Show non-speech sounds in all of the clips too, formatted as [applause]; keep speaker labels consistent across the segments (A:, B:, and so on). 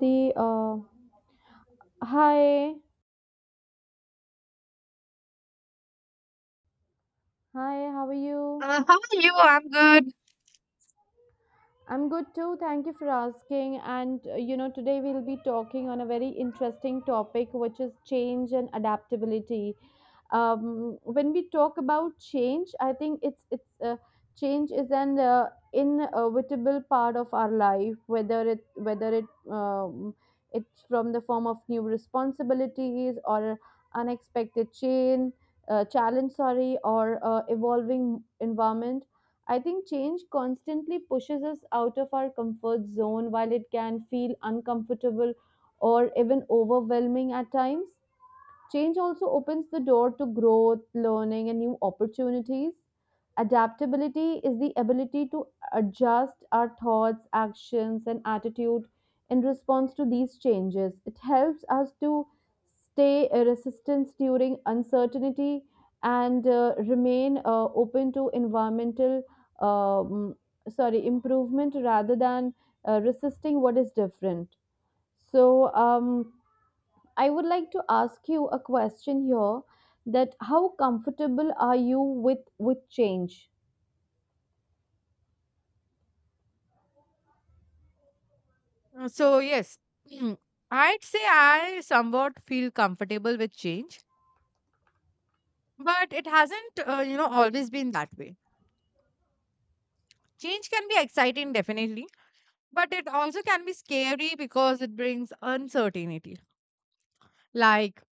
A: The hi, hi, how are you?
B: How are you? I'm good.
A: I'm good too. Thank you for asking. And today we'll be talking on a very interesting topic, which is change and adaptability. When we talk about change, I think it's change is an inevitable part of our life. Whether it um, it's from the form of new responsibilities or unexpected change, challenge, sorry, or evolving environment. I think change constantly pushes us out of our comfort zone. While it can feel uncomfortable or even overwhelming at times, change also opens the door to growth, learning, and new opportunities. Adaptability is the ability to adjust our thoughts, actions, and attitude in response to these changes. It helps us to stay resistant during uncertainty and remain open to environmental, um, sorry, improvement rather than resisting what is different. So, I would like to ask you a question here, that how comfortable are you with change?
B: So, yes, [clears throat] I'd say I somewhat feel comfortable with change, but it hasn't, you know, always been that way. Change can be exciting, definitely, but it also can be scary because it brings uncertainty, like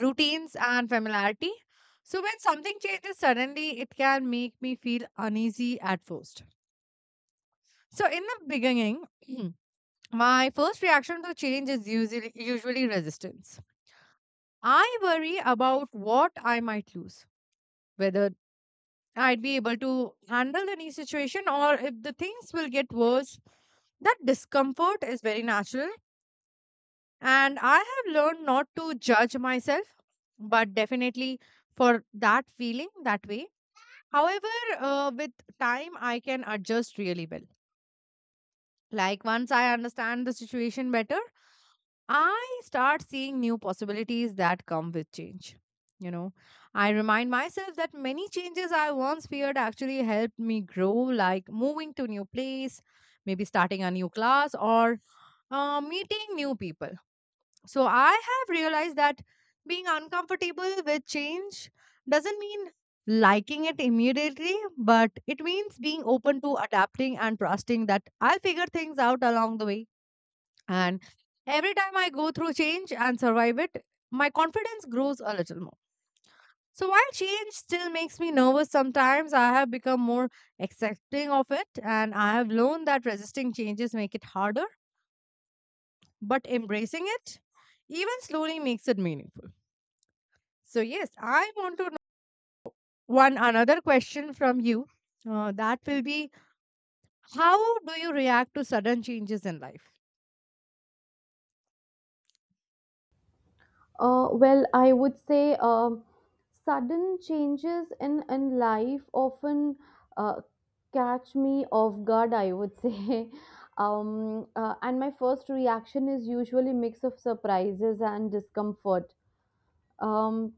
B: routines and familiarity. So, when something changes suddenly, it can make me feel uneasy at first. So, in the beginning, [clears throat] my first reaction to change is usually resistance. I worry about what I might lose, whether I'd be able to handle the new situation or if the things will get worse. That discomfort is very natural, and I have learned not to judge myself, but definitely for that feeling that way. However, with time, I can adjust really well. Like once I understand the situation better, I start seeing new possibilities that come with change. You know, I remind myself that many changes I once feared actually helped me grow, like moving to new place, maybe starting a new class, or meeting new people. So I have realized that being uncomfortable with change doesn't mean liking it immediately, but it means being open to adapting and trusting that I'll figure things out along the way. And every time I go through change and survive it, my confidence grows a little more. So while change still makes me nervous sometimes, I have become more accepting of it, and I have learned that resisting changes make it harder, but embracing it even slowly makes it meaningful. So yes, I want to know one another question from you. That will be, how do you react to sudden changes in life?
A: Well, I would say sudden changes in life often uh, catch me off guard, I would say. [laughs] And my first reaction is usually mix of surprises and discomfort. Um,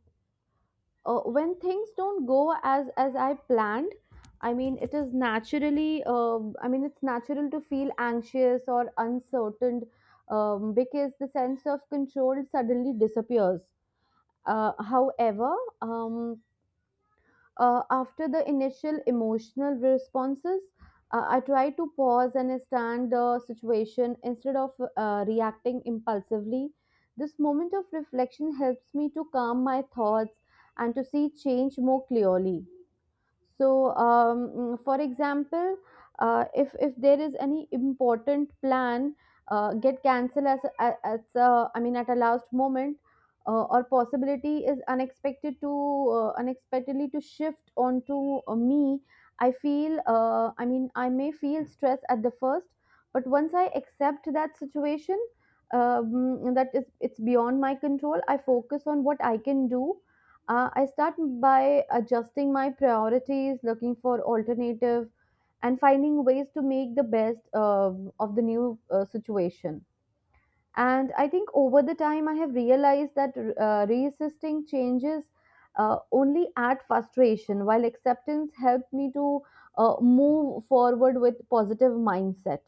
A: when things don't go as I planned, I mean it is naturally, I mean it's natural to feel anxious or uncertain, because the sense of control suddenly disappears. However, um, after the initial emotional responses, I try to pause and stand the situation instead of reacting impulsively. This moment of reflection helps me to calm my thoughts and to see change more clearly. So, for example, if there is any important plan get cancelled I mean at a last moment, or possibility is unexpected to unexpectedly to shift onto me, I mean I may feel stress at the first, but once I accept that situation, that is it's beyond my control, I focus on what I can do. I start by adjusting my priorities, looking for alternative, and finding ways to make the best of the new situation. And I think over the time, I have realized that resisting changes only add frustration, while acceptance helped me to move forward with positive mindset.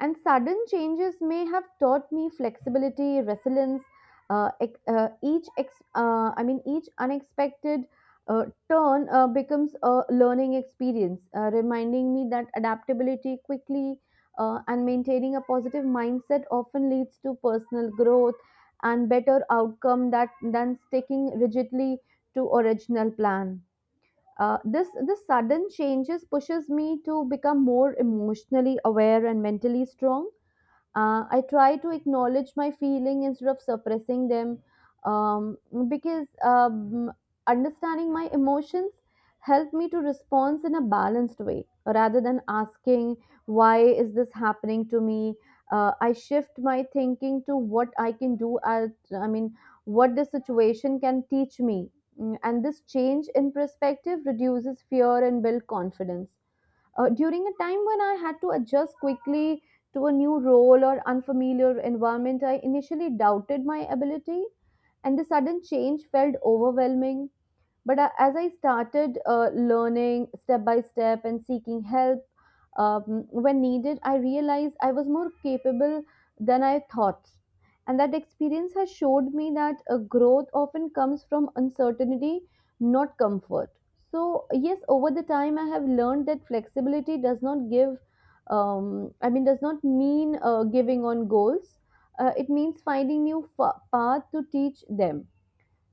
A: And sudden changes may have taught me flexibility, resilience. I mean, each unexpected turn becomes a learning experience, reminding me that adaptability quickly and maintaining a positive mindset often leads to personal growth and better outcome that than sticking rigidly to original plan. This sudden changes pushes me to become more emotionally aware and mentally strong. I try to acknowledge my feeling instead of suppressing them, um, because understanding my emotions help me to respond in a balanced way rather than asking, why is this happening to me? I shift my thinking to what I can do at, I mean, what this situation can teach me. And this change in perspective reduces fear and build confidence. During a time when I had to adjust quickly to a new role or unfamiliar environment, I initially doubted my ability, and the sudden change felt overwhelming. But as I started learning step by step and seeking help when needed, I realized I was more capable than I thought, and that experience has showed me that growth often comes from uncertainty, not comfort. So yes, over the time I have learned that flexibility does not give, um, I mean does not mean giving on goals. It means finding path to teach them.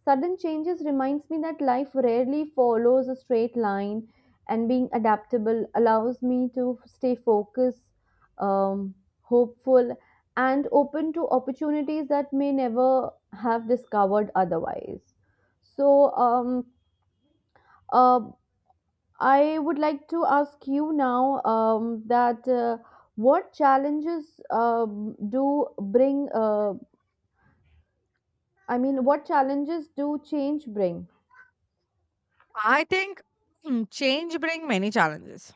A: Sudden changes reminds me that life rarely follows a straight line, and being adaptable allows me to stay focused, um, hopeful, and open to opportunities that may never have discovered otherwise. So, uh, I would like to ask you now that what challenges I mean, what challenges do change bring?
B: I think, hmm, change bring many challenges.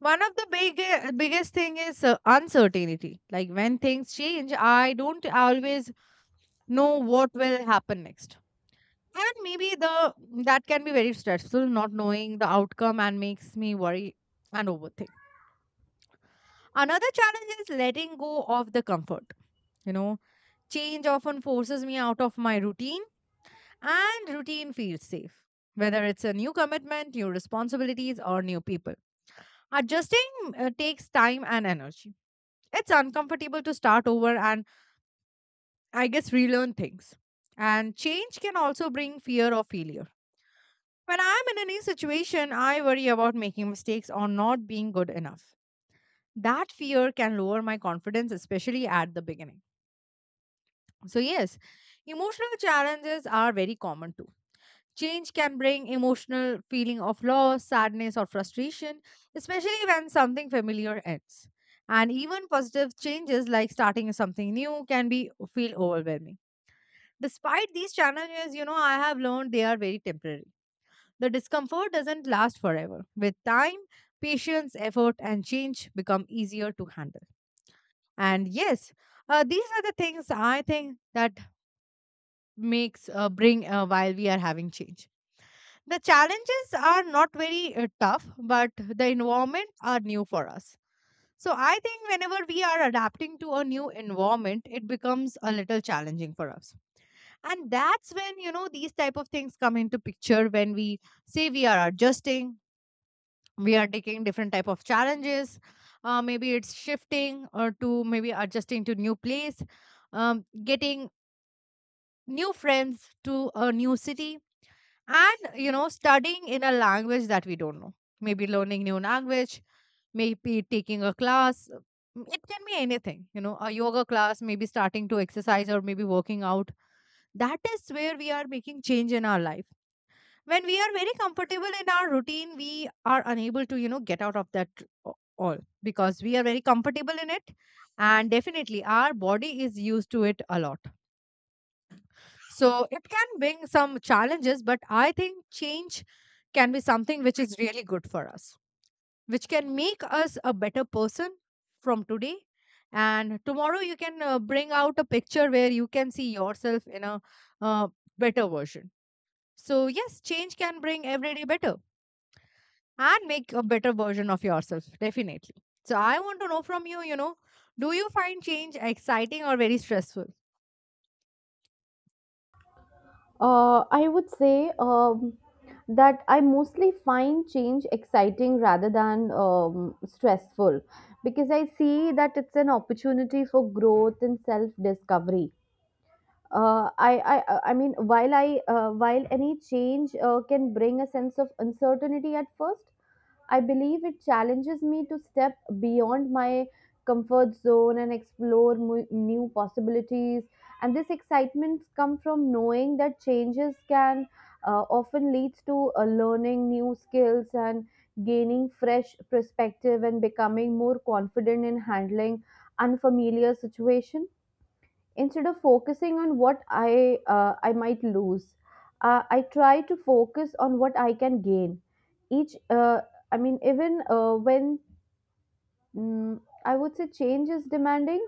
B: One of the biggest thing is uncertainty. Like when things change, I don't always know what will happen next. And maybe the that can be very stressful, not knowing the outcome, and makes me worry and overthink. Another challenge is letting go of the comfort. You know, change often forces me out of my routine, and routine feels safe. Whether it's a new commitment, new responsibilities, or new people, adjusting takes time and energy. It's uncomfortable to start over and, I guess, relearn things. And change can also bring fear of failure. When I'm in a new situation, I worry about making mistakes or not being good enough. That fear can lower my confidence, especially at the beginning. So, yes, emotional challenges are very common too. Change can bring emotional feeling of loss, sadness, or frustration, especially when something familiar ends. And even positive changes like starting something new can be feel overwhelming. Despite these challenges, you know, I have learned they are very temporary. The discomfort doesn't last forever. With time, patience, effort, and change become easier to handle. And yes, these are the things I think that makes bring while we are having change. The challenges are not very tough, but the environment are new for us. So I think whenever we are adapting to a new environment, it becomes a little challenging for us. And that's when, you know, these type of things come into picture, when we say we are adjusting, we are taking different type of challenges. Uh, maybe it's shifting, or to maybe adjusting to new place, getting new friends to a new city, and, you know, studying in a language that we don't know, maybe learning new language, maybe taking a class, it can be anything, you know, a yoga class, maybe starting to exercise, or maybe working out. That is where we are making change in our life. When we are very comfortable in our routine, we are unable to, you know, get out of that, o- all, because we are very comfortable in it, and definitely our body is used to it a lot. So it can bring some challenges, but I think change can be something which is really good for us, which can make us a better person from today, and tomorrow you can bring out a picture where you can see yourself in a uh, better version. So yes, change can bring every day better and make a better version of yourself, definitely. So I want to know from you, you know, do you find change exciting or very stressful?
A: I would say that I mostly find change exciting rather than stressful, because I see that it's an opportunity for growth and self discovery. I mean while I while any change can bring a sense of uncertainty at first, I believe it challenges me to step beyond my comfort zone and explore new possibilities. And this excitement comes from knowing that changes can often lead to learning new skills and gaining fresh perspective and becoming more confident in handling unfamiliar situation. Instead of focusing on what I might lose, I try to focus on what I can gain. Each I mean even when, mm, I would say change is demanding,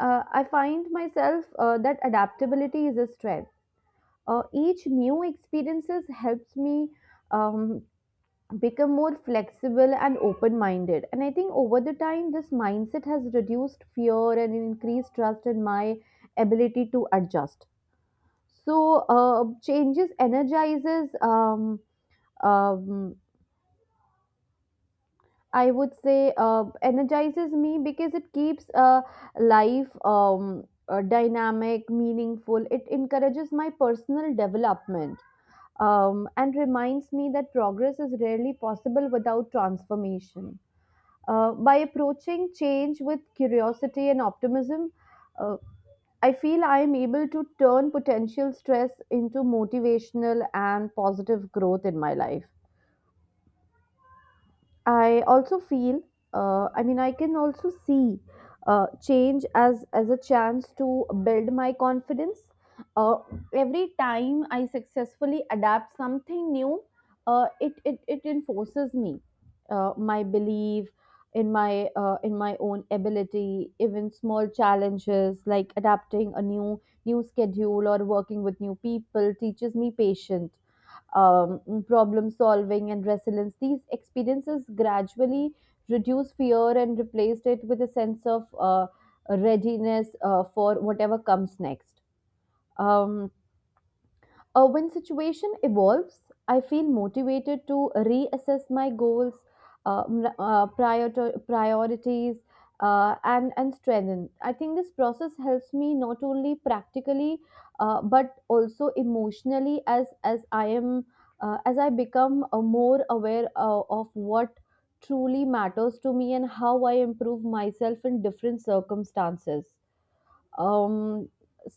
A: I find myself that adaptability is a strength. Each new experiences helps me um, become more flexible and open minded, and I think over the time this mindset has reduced fear and increased trust in my ability to adjust. So changes energizes. Um, I would say energizes me because it keeps life dynamic, meaningful. It encourages my personal development and reminds me that progress is rarely possible without transformation. By approaching change with curiosity and optimism, uh, I feel I am able to turn potential stress into motivational and positive growth in my life. I also feel, I mean, I can also see change as a chance to build my confidence. Uh, every time I successfully adapt something new, it enforces me, my belief in my own ability. Even small challenges like adapting a new schedule or working with new people teaches me patience, um, problem solving and resilience. These experiences gradually reduce fear and replaced it with a sense of readiness for whatever comes next. Um, when situation evolves, I feel motivated to reassess my goals, priorities, and strengthen. I think this process helps me not only practically, but also emotionally, as I am as I become more aware of what truly matters to me and how I improve myself in different circumstances. Um,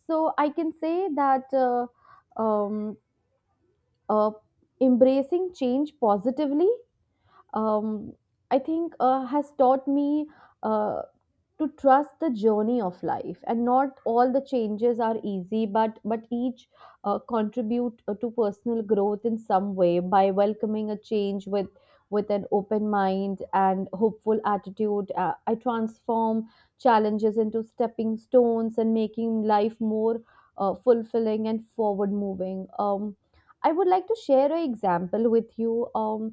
A: so I can say that. Um, uh, Embracing change positively, um, I think has taught me uh, to trust the journey of life, and not all the changes are easy, but each contribute to personal growth in some way. By welcoming a change with an open mind and hopeful attitude, I transform challenges into stepping stones and making life more fulfilling and forward moving. I would like to share an example with you. um,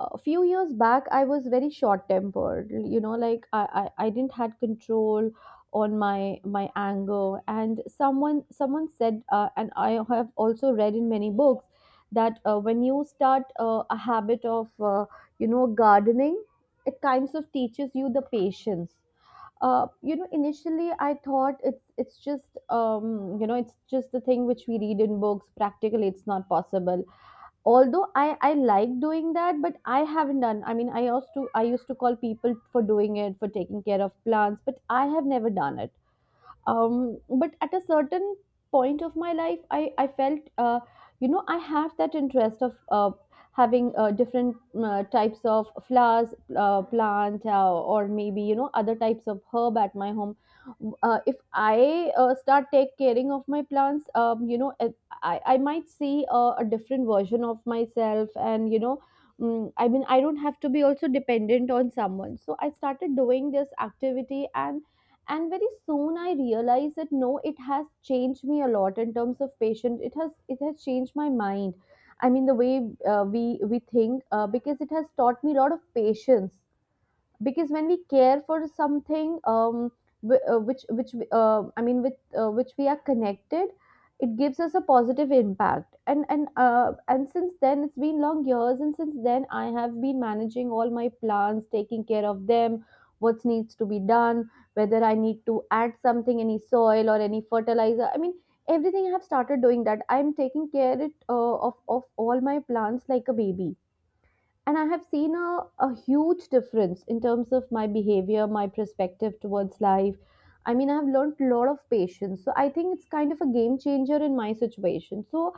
A: a few years back, I was very short tempered, you know, i didn't had control on my anger, and someone said, and I have also read in many books that when you start a habit of, you know, gardening, it kinds of teaches you the patience. You know, initially I thought it's just, you know, it's just the thing which we read in books, practically it's not possible. Although I like doing that, but I haven't done, I mean I used to call people for doing it, for taking care of plants, but I have never done it. But at a certain point of my life, I felt, you know, I have that interest of having different types of flowers, plant, or maybe, you know, other types of herb at my home. If i start take caring of my plants, you know, I, I might see a different version of myself, and you know, I mean I don't have to be also dependent on someone. So I started doing this activity, and very soon I realized that no, it has changed me a lot in terms of patience. It has it has changed my mind, I mean the way we think, because it has taught me a lot of patience. Because when we care for something, which I mean with which we are connected, it gives us a positive impact. And since then it's been long years, and since then I have been managing all my plans, taking care of them, what needs to be done, whether I need to add something, any soil or any fertilizer, I mean everything I have started doing that. I'm taking care of all my plants like a baby, and I have seen a huge difference in terms of my behavior, my perspective towards life. I mean I have learned a lot of patience, so I think it's kind of a game changer in my situation. So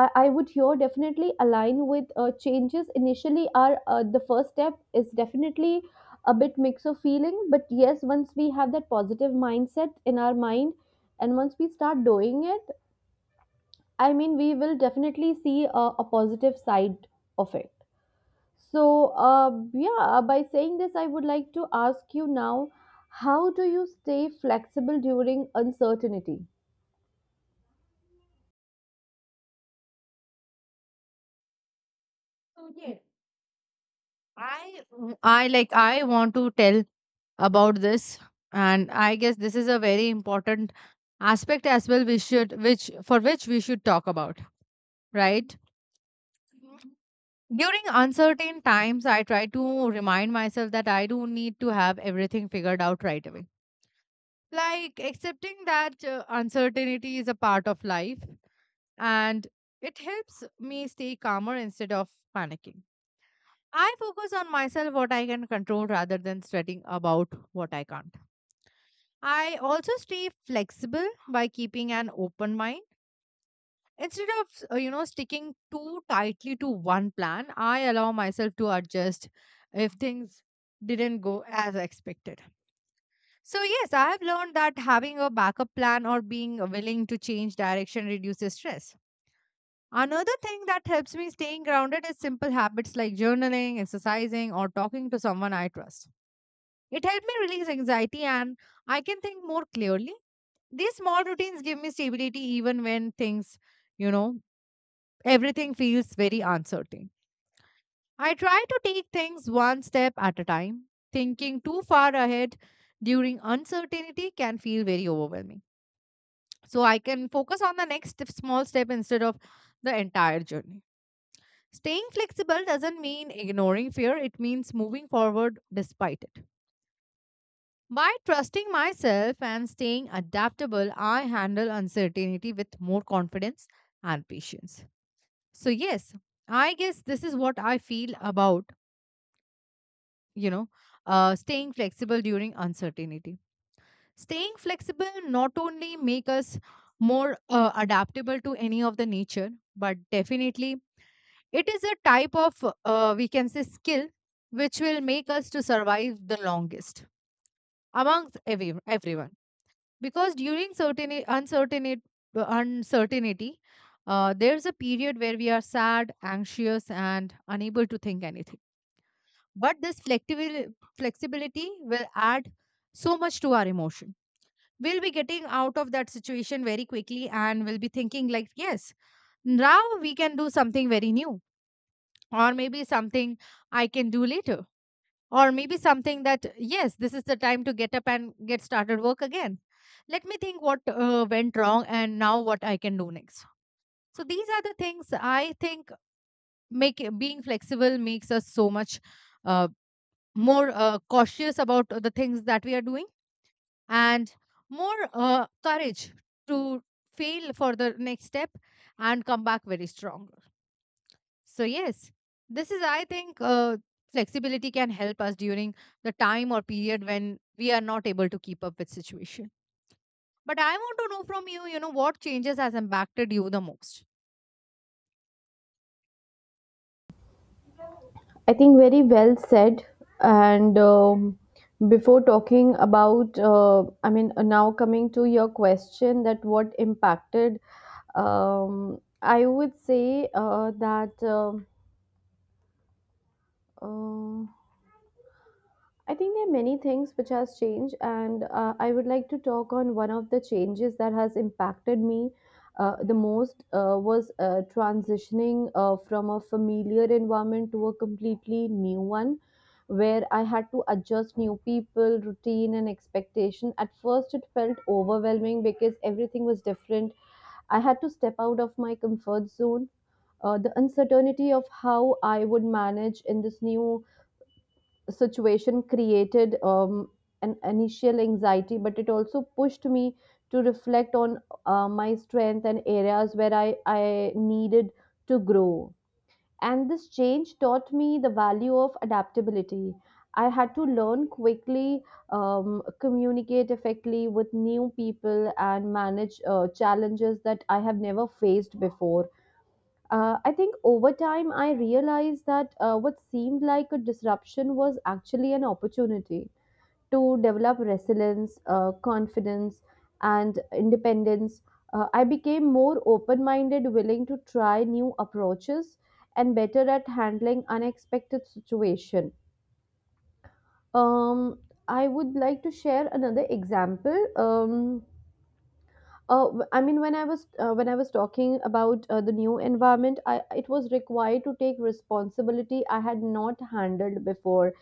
A: I would here definitely align with, changes initially are, the first step is definitely a bit mix of feeling. But yes, once we have that positive mindset in our mind and once we start doing it, I mean we will definitely see a positive side of it. So, yeah, by saying this, I would like to ask you now, how do you stay flexible during uncertainty?
B: So, yes. i I I want to tell about this, and I guess this is a very important aspect as well, we should which for which we should talk about, right? During uncertain times, I try to remind myself that I don't need to have everything figured out right away. Like, accepting that uncertainty is a part of life, and it helps me stay calmer instead of panicking. I focus on myself, what I can control, rather than sweating about what I can't. I also stay flexible by keeping an open mind. Instead of, you know, sticking too tightly to one plan, I allow myself to adjust if things didn't go as expected. So, yes, I have learned that having a backup plan or being willing to change direction reduces stress. Another thing that helps me staying grounded is simple habits like journaling, exercising, or talking to someone I trust. It helped me release anxiety, and I can think more clearly. These small routines give me stability even when things, you know, everything feels very uncertain. I try to take things one step at a time. Thinking too far ahead during uncertainty can feel very overwhelming. So I can focus on the small step instead of the entire journey. Staying flexible doesn't mean ignoring fear, it means moving forward despite it. By trusting myself and staying adaptable, I handle uncertainty with more confidence and patience. So, yes, I guess this is what I feel about, you know, staying flexible during uncertainty. Staying flexible not only make us more adaptable to any of the nature, but definitely it is a type of, we can say, skill which will make us to survive the longest amongst everyone. Because during uncertainty, there's a period where we are sad, anxious, and unable to think anything. But this flexibility will add so much to our emotion. We'll be getting out of that situation very quickly, and we'll be thinking, like, yes, now we can do something very new, or maybe something I can do later, or maybe something that, yes, this is the time to get up and get started work again. Let me think what went wrong and now what I can do next. So these are the things I think being flexible makes us so much uh, more cautious about the things that we are doing, and more courage to fail for the next step and come back very strong. So, yes, this is, I think, flexibility can help us during the time or period when we are not able to keep up with situation. But I want to know from you, you know, what changes has impacted you the most?
A: I think very well said. And before talking about, I mean, now coming to your question, that what impacted, I would say that. Uh, I think there are many things which has changed, and I would like to talk on one of the changes that has impacted me the most. Was, transitioning from a familiar environment to a completely new one, where I had to adjust new people, routine, and expectation. At first, it felt overwhelming because everything was different. I had to step out of my comfort zone. The uncertainty of how I would manage in this new situation created an initial anxiety, but it also pushed me to reflect on my strength and areas where I needed to grow. And this change taught me the value of adaptability. I had to learn quickly, communicate effectively with new people, and manage challenges that I have never faced before. I think over time I realized that what seemed like a disruption was actually an opportunity to develop resilience, confidence, and independence. I became more open minded, willing to try new approaches, and better at handling unexpected situations. Um, I would like to share another example. I mean, when I was talking about the new environment, I, it was required to take responsibility I had not handled before.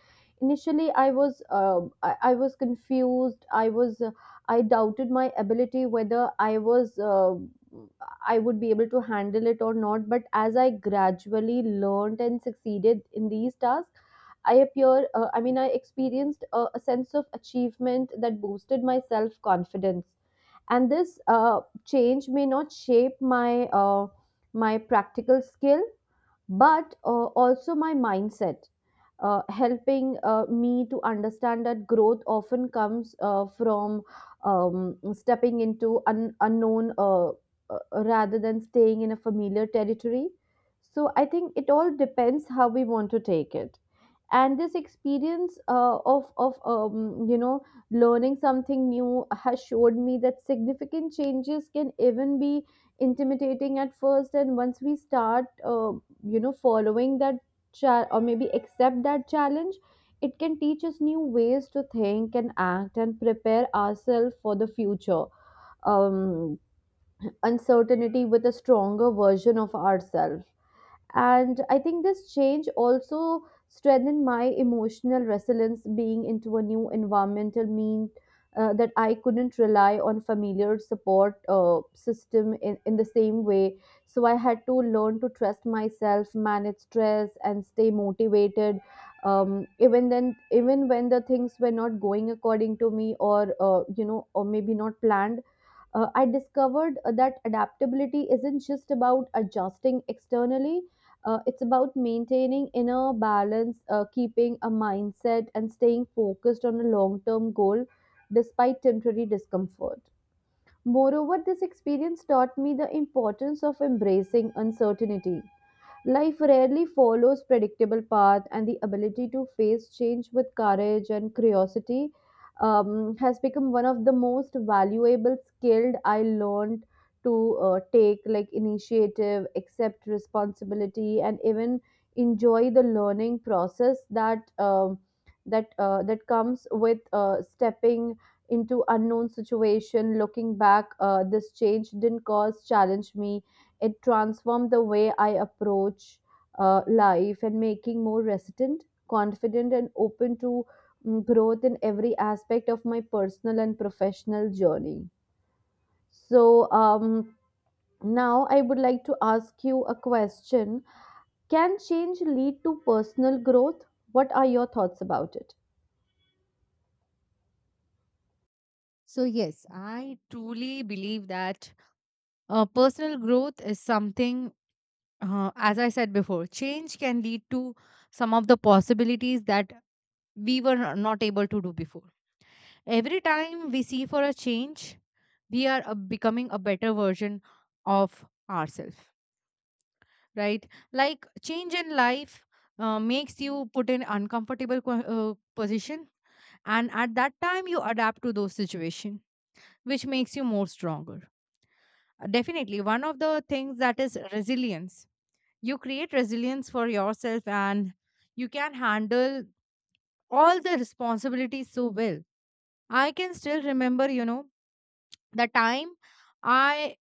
A: Initially, I was confused. I doubted my ability whether I would be able to handle it or not. But as I gradually learned and succeeded in these tasks, I mean, I experienced a sense of achievement that boosted my self confidence. And this change may not shape my my practical skill, but also my mindset, helping me to understand that growth often comes from stepping into unknown, rather than staying in a familiar territory. So I think it all depends how we want to take it, and this experience of you know, learning something new has showed me that significant changes can even be intimidating at first, and once we start, you know, following that or maybe accept that challenge, it can teach us new ways to think and act and prepare ourselves for the future um, uncertainty with a stronger version of ourselves. And I think this change also strengthened my emotional resilience, being into a new environmental mean that I couldn't rely on familiar support system in the same way. So I had to learn to trust myself, manage stress, and stay motivated, even when the things were not going according to me, or you know, or maybe not planned. I discovered that adaptability isn't just about adjusting externally, it's about maintaining inner balance, keeping a mindset, and staying focused on a long term goal despite temporary discomfort. Moreover, this experience taught me the importance of embracing uncertainty. Life rarely follows predictable path, and the ability to face change with courage and curiosity has become one of the most valuable skill I learned, to take, like, initiative, accept responsibility, and even enjoy the learning process that that comes with stepping into unknown situation. Looking back, this change didn't cause challenge me, it transformed the way I approach life and making more resilient, confident, and open to growth in every aspect of my personal and professional journey. So now I would like to ask you a question. Can change lead to personal growth? What are your thoughts about it?
B: So, yes, I truly believe that personal growth is something. As I said before, change can lead to some of the possibilities that we were not able to do before. Every time we see for a change, we are becoming a better version of ourselves, right? Like, change in life makes you put in uncomfortable position, and at that time you adapt to those situation, which makes you more stronger. Definitely, one of the things that is resilience. You create resilience for yourself, and you can handle all the responsibilities so well. I can still remember the time I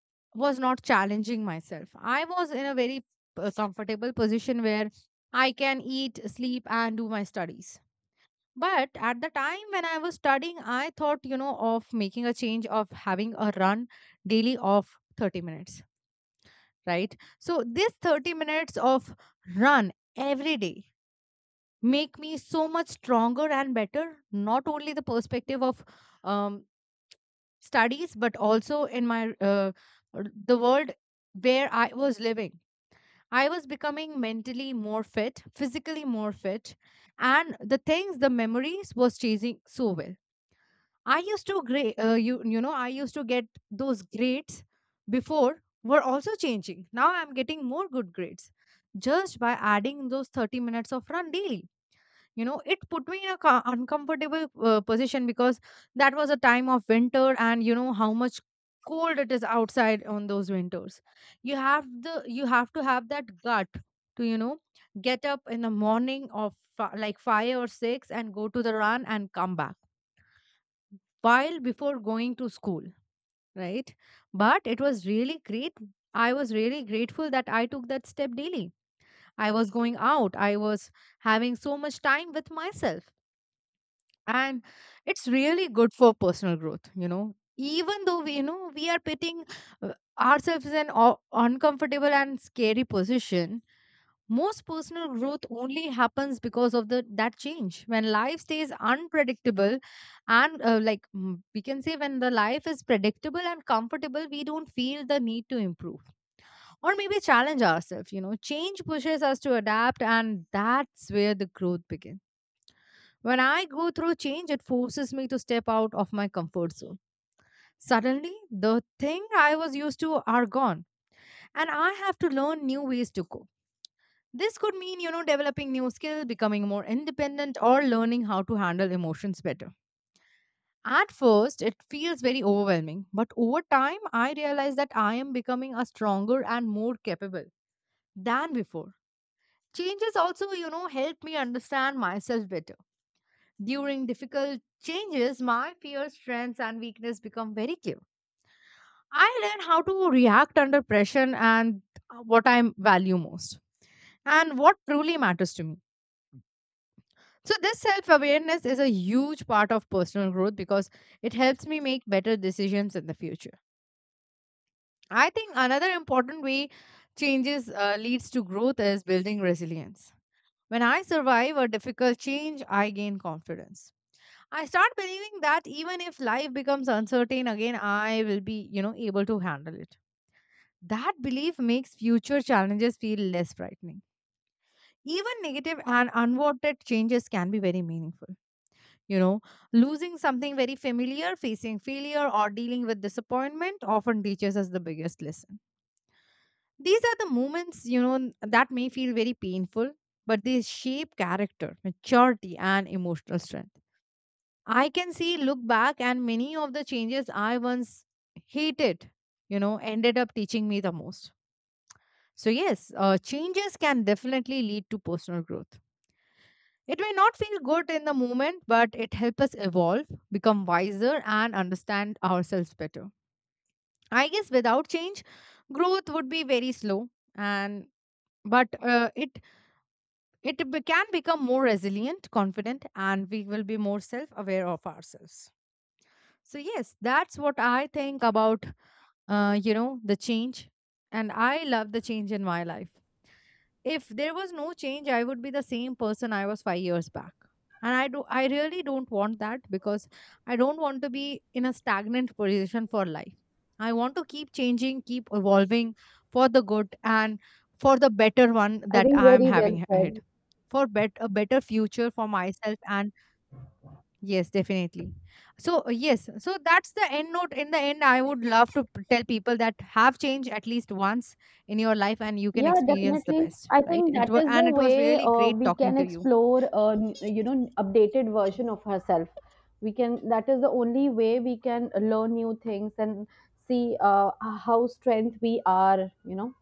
B: was not challenging myself. I was in a very comfortable position where I can eat, sleep, and do my studies. But at the time when I was studying, I thought, you know, of making a change of having a run daily of 30 minutes, right? So this 30 minutes of run every day make me so much stronger and better, not only the perspective of um, studies, but also in my the world where I was living. I was becoming mentally more fit, physically more fit, and the things, the memories was changing so well. I used to grade I used to get those grades before were also changing. Now I'm getting more good grades just by adding those 30 minutes of run daily. You know, it put me in a uncomfortable position because that was a time of winter, and you know how much cold it is outside on those winters. You have the you have to have that gut to, you know, get up in the morning of like 5 or 6 and go to the run and come back while before going to school, right? But it was really great. I was really grateful that I took that step daily. I was going out, I was having so much time with myself. And it's really good for personal growth. You know, even though we, you know, we are putting uh, ourselves in an uncomfortable and scary position, most personal growth only happens because of the that change when life stays unpredictable. And like, we can say when the life is predictable and comfortable, we don't feel the need to improve or maybe challenge ourselves. You know, change pushes us to adapt, and that's where the growth begins. When I go through change, it forces me to step out of my comfort zone. Suddenly, the thing I was used to are gone, and I have to learn new ways to cope. This could mean, you know, developing new skills, becoming more independent, or learning how to handle emotions better. At first, it feels very overwhelming, but over time, I realize that I am becoming a stronger and more capable than before. Changes also, you know, help me understand myself better. During difficult changes, my peers' strengths and weakness become very clear. I learn how to react under pressure and what I value most and what truly matters to me. So, this self awareness is a huge part of personal growth because it helps me make better decisions in the future. I think another important way changes leads to growth is building resilience. When I survive a difficult change, I gain confidence. I start believing that even if life becomes uncertain again, I will be, you know, able to handle it. That belief makes future challenges feel less frightening. Even negative and unwanted changes can be very meaningful. You know, losing something very familiar, facing failure, or dealing with disappointment often teaches us the biggest lesson. These are the moments, you know, that may feel very painful, but they shape character, maturity, and emotional strength. I can see, look back, and many of the changes I once hated, you know, ended up teaching me the most. So, yes, changes can definitely lead to personal growth. It may not feel good in the moment, but it helps us evolve, become wiser, and understand ourselves better. I guess without change, growth would be very slow, and but can become more resilient, confident, and we will be more self aware of ourselves. So yes, that's what I think about, you know, the change. And I love the change in my life. If there was no change, I would be the same person I was 5 years back. And I really don't want that because I don't want to be in a stagnant position for life. I want to keep changing, keep evolving for the good and for the better one
A: I
B: that
A: think
B: I am
A: very well
B: having
A: said.
B: ahead. For a better future for myself and yes, definitely. So, yes, so that's the end note. In the end, I would love to tell people that have changed at least once in your life and you can
A: Yeah,
B: experience the
A: definitely.
B: best,
A: I
B: right?
A: think
B: And,
A: that
B: it wa-
A: is the
B: and it was
A: way
B: really great
A: we
B: talking
A: can
B: to you.
A: explore, you know, updated version of herself. We can. That is the only way we can learn new things and see how strength we are. You know,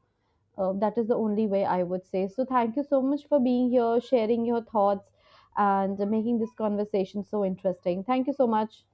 A: that is the only way I would say. So thank you so much for being here, sharing your thoughts, and making this conversation so interesting. Thank you so much.